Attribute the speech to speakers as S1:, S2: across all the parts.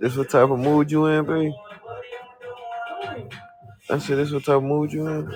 S1: This what type of mood you in, baby? I said, this what type of mood you in?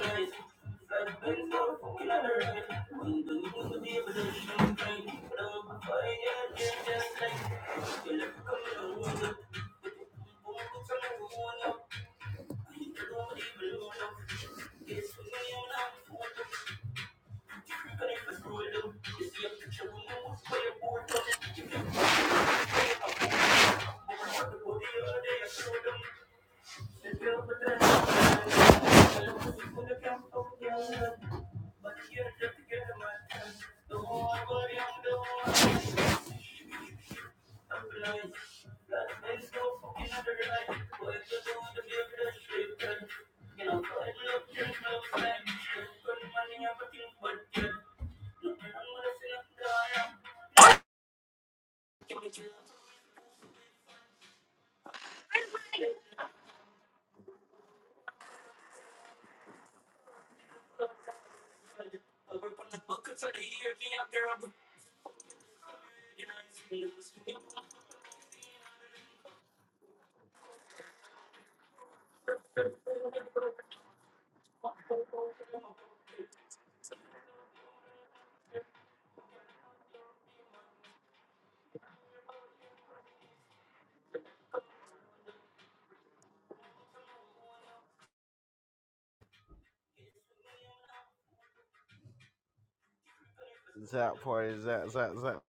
S1: Zap party, zap, zap, zap.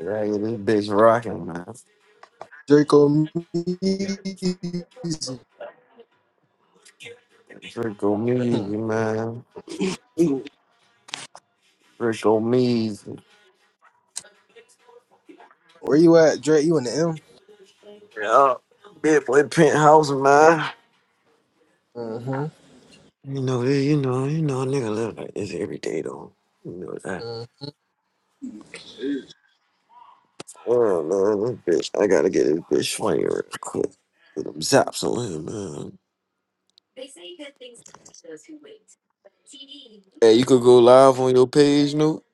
S1: Yeah, yeah, this bitch rocking, man.
S2: Draco music.
S1: Rico Measy,
S2: Hmm.
S1: man.
S2: You-
S1: Rico Measy.
S2: Where you at, Drake? You in the M?
S1: Yeah, big boy penthouse, man.
S2: Mm-hmm.
S1: You know, yeah, you know, you know, a nigga live like this every day, though. You know that.
S2: mm-hmm.
S1: Oh, man, this bitch. I gotta get this bitch swinging real quick. Put them zaps on him, man. Hey, you could go live on your page, no?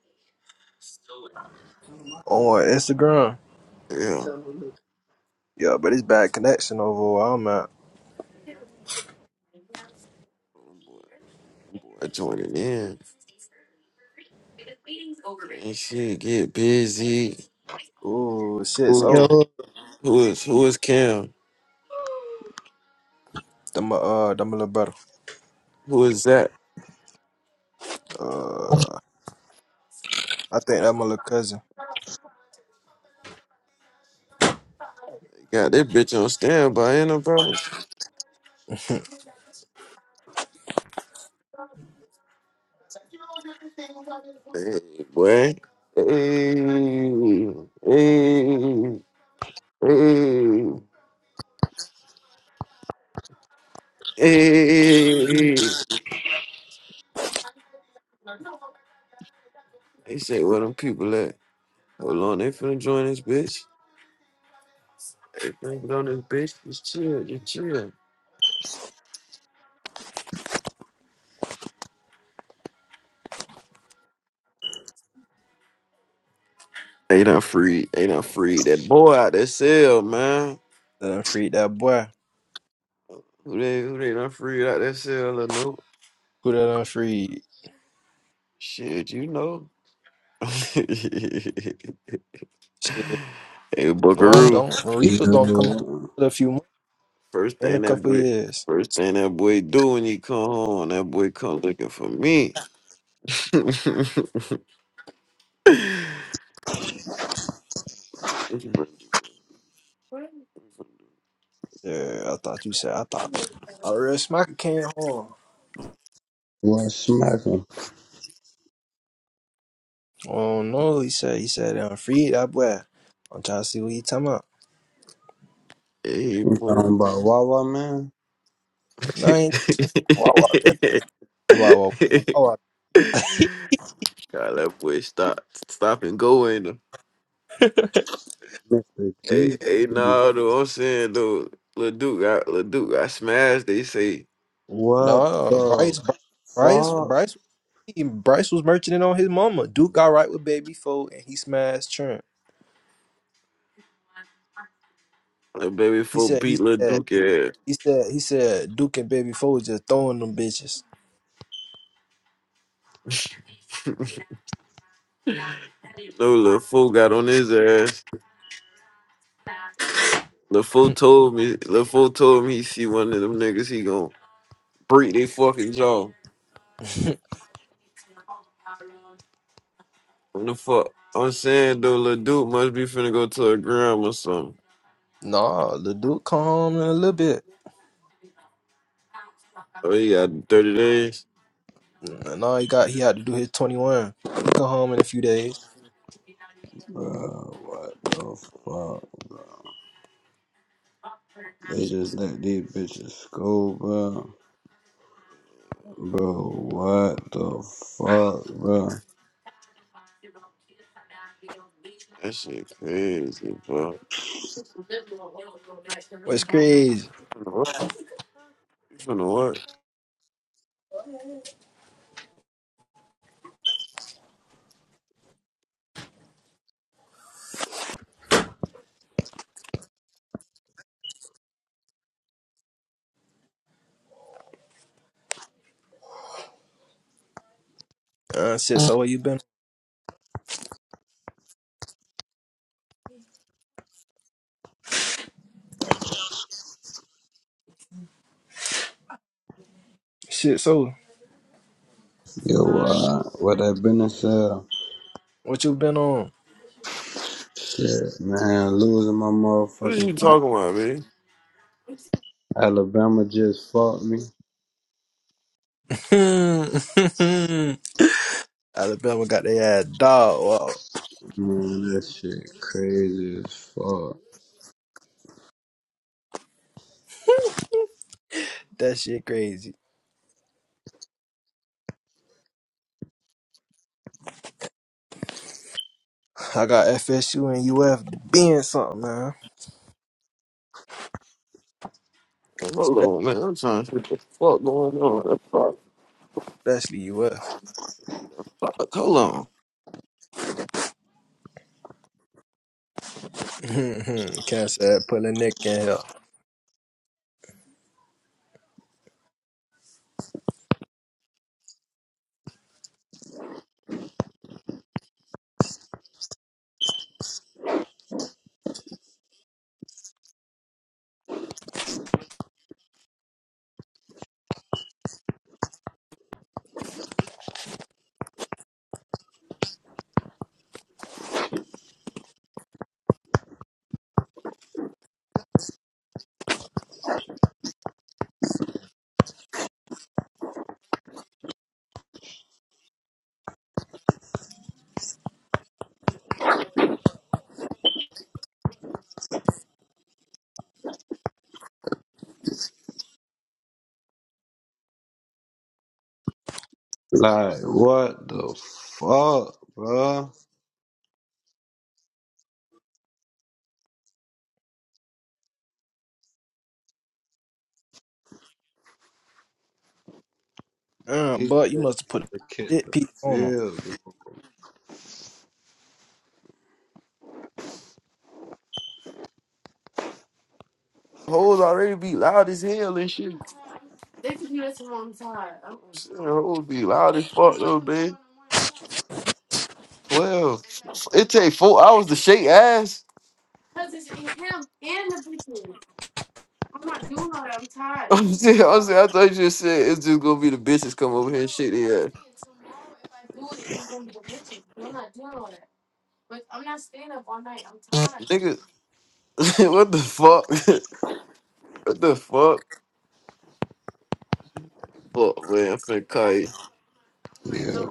S2: On what, Instagram?
S1: Yeah.
S2: Yeah, but it's bad connection over where I'm at.
S1: Boy, joining in. And shit, get busy.
S2: Ooh, shit.
S1: Who is
S2: So,
S1: who is who is Cam?
S2: that my, uh, that my little brother.
S1: Who is that?
S2: Uh, I think that my little cousin.
S1: Got that bitch on standby, ain't no problem.
S2: that
S1: Hey, boy. Hey, hey, hey, hey. They say where them people at? Hold on, they finna join this bitch. They finna get on this bitch. Just chill, just chill. They done free. They done free that boy out that cell, man.
S2: done freed that boy.
S1: Who they who they done free out that cell or no?
S2: Who that done freed?
S1: Shit, you know. hey
S2: Shit. No, I
S1: Buckaroo.
S2: don't. The Reapers don't come home
S3: Yo,
S2: for a few months,
S1: First
S2: in a
S1: thing that
S2: couple
S1: boy
S2: years.
S1: first thing that boy do when he come home, that boy come looking for me. What you gonna
S2: Yeah, I thought you said, I thought. I real smacker came home.
S3: what smacking?
S2: Oh no, he said. He said, I'm free that boy. I'm trying to see what he talking about.
S1: do? hey
S3: I'm talking
S1: boy.
S3: about Wawa man,
S2: No, I ain't Wawa there. Talk About Wawa.
S1: God, that boy stop stop and go in
S2: Wawa.
S3: Mr.
S1: Hey, hey,
S3: Jesus.
S1: nah, though, I'm saying though, Lil Duke got Lil Duke got smashed. They say
S3: What
S2: no,
S3: the
S2: Bryce, Bryce, Bryce,
S3: fuck,
S2: Bryce, he- Bryce was merchanting on his mama. Duke got right with Baby Foe, and he smashed Trent.
S1: Lil Baby
S2: He
S1: Fool
S2: said, he
S1: beat Lil
S2: said,
S1: Duke ass.
S2: he said, he said, Duke and Baby Foe was just throwing them bitches.
S1: No, Lil Fool got on his ass. Lil Fool told me, Lil Fool told me he see one of them niggas, he gon' break they fucking jaw. What the fuck? I'm saying though, Lil Duke must be finna go to a gram or something.
S2: nah, the Duke come home in a little bit.
S1: Oh, he got 30 days.
S2: Nah, he got he had to do his twenty one. He come home in a few days.
S3: bro? What the fuck, bro? They just let these bitches go, bro. Bro, what the fuck, bro?
S1: That shit crazy, bro.
S2: What's crazy?
S1: Finna what? Finna what?
S2: Uh, shit, so where you been? Shit, so
S3: Yo, uh, what that been said?
S2: what you been on?
S3: Shit, man, losing my
S1: What is you
S3: motherfucking money.
S1: talking about, man?
S3: Alabama just fucked me.
S2: Alabama got their ass dog. Wow.
S3: Man, that shit crazy as fuck.
S2: That shit crazy. I got FSU and UF being something, man.
S1: Hold on, man. I'm trying to see what the fuck going on. Fuck,
S2: Especially UF.
S1: fuck. Hold on.
S2: Can't say I put a nick in here.
S3: Like, what the fuck, bro?
S2: Uh,
S3: He
S2: but you
S3: just
S2: must have put a
S3: kicked
S2: bit
S3: the
S2: piece on on 'em.
S3: field.
S1: Hoes already be loud as hell and shit. Shit, Hoes be loud as fuck though, man. Twelve. It take four hours to shake ass. I'm not doing all that. I'm tired. I'm saying, I'm saying, I thought you just said it's just gonna be the bitches come over here and shake their ass. Nigga, what the fuck? what the fuck? Fuck, man. I'm finna call you.
S3: yeah.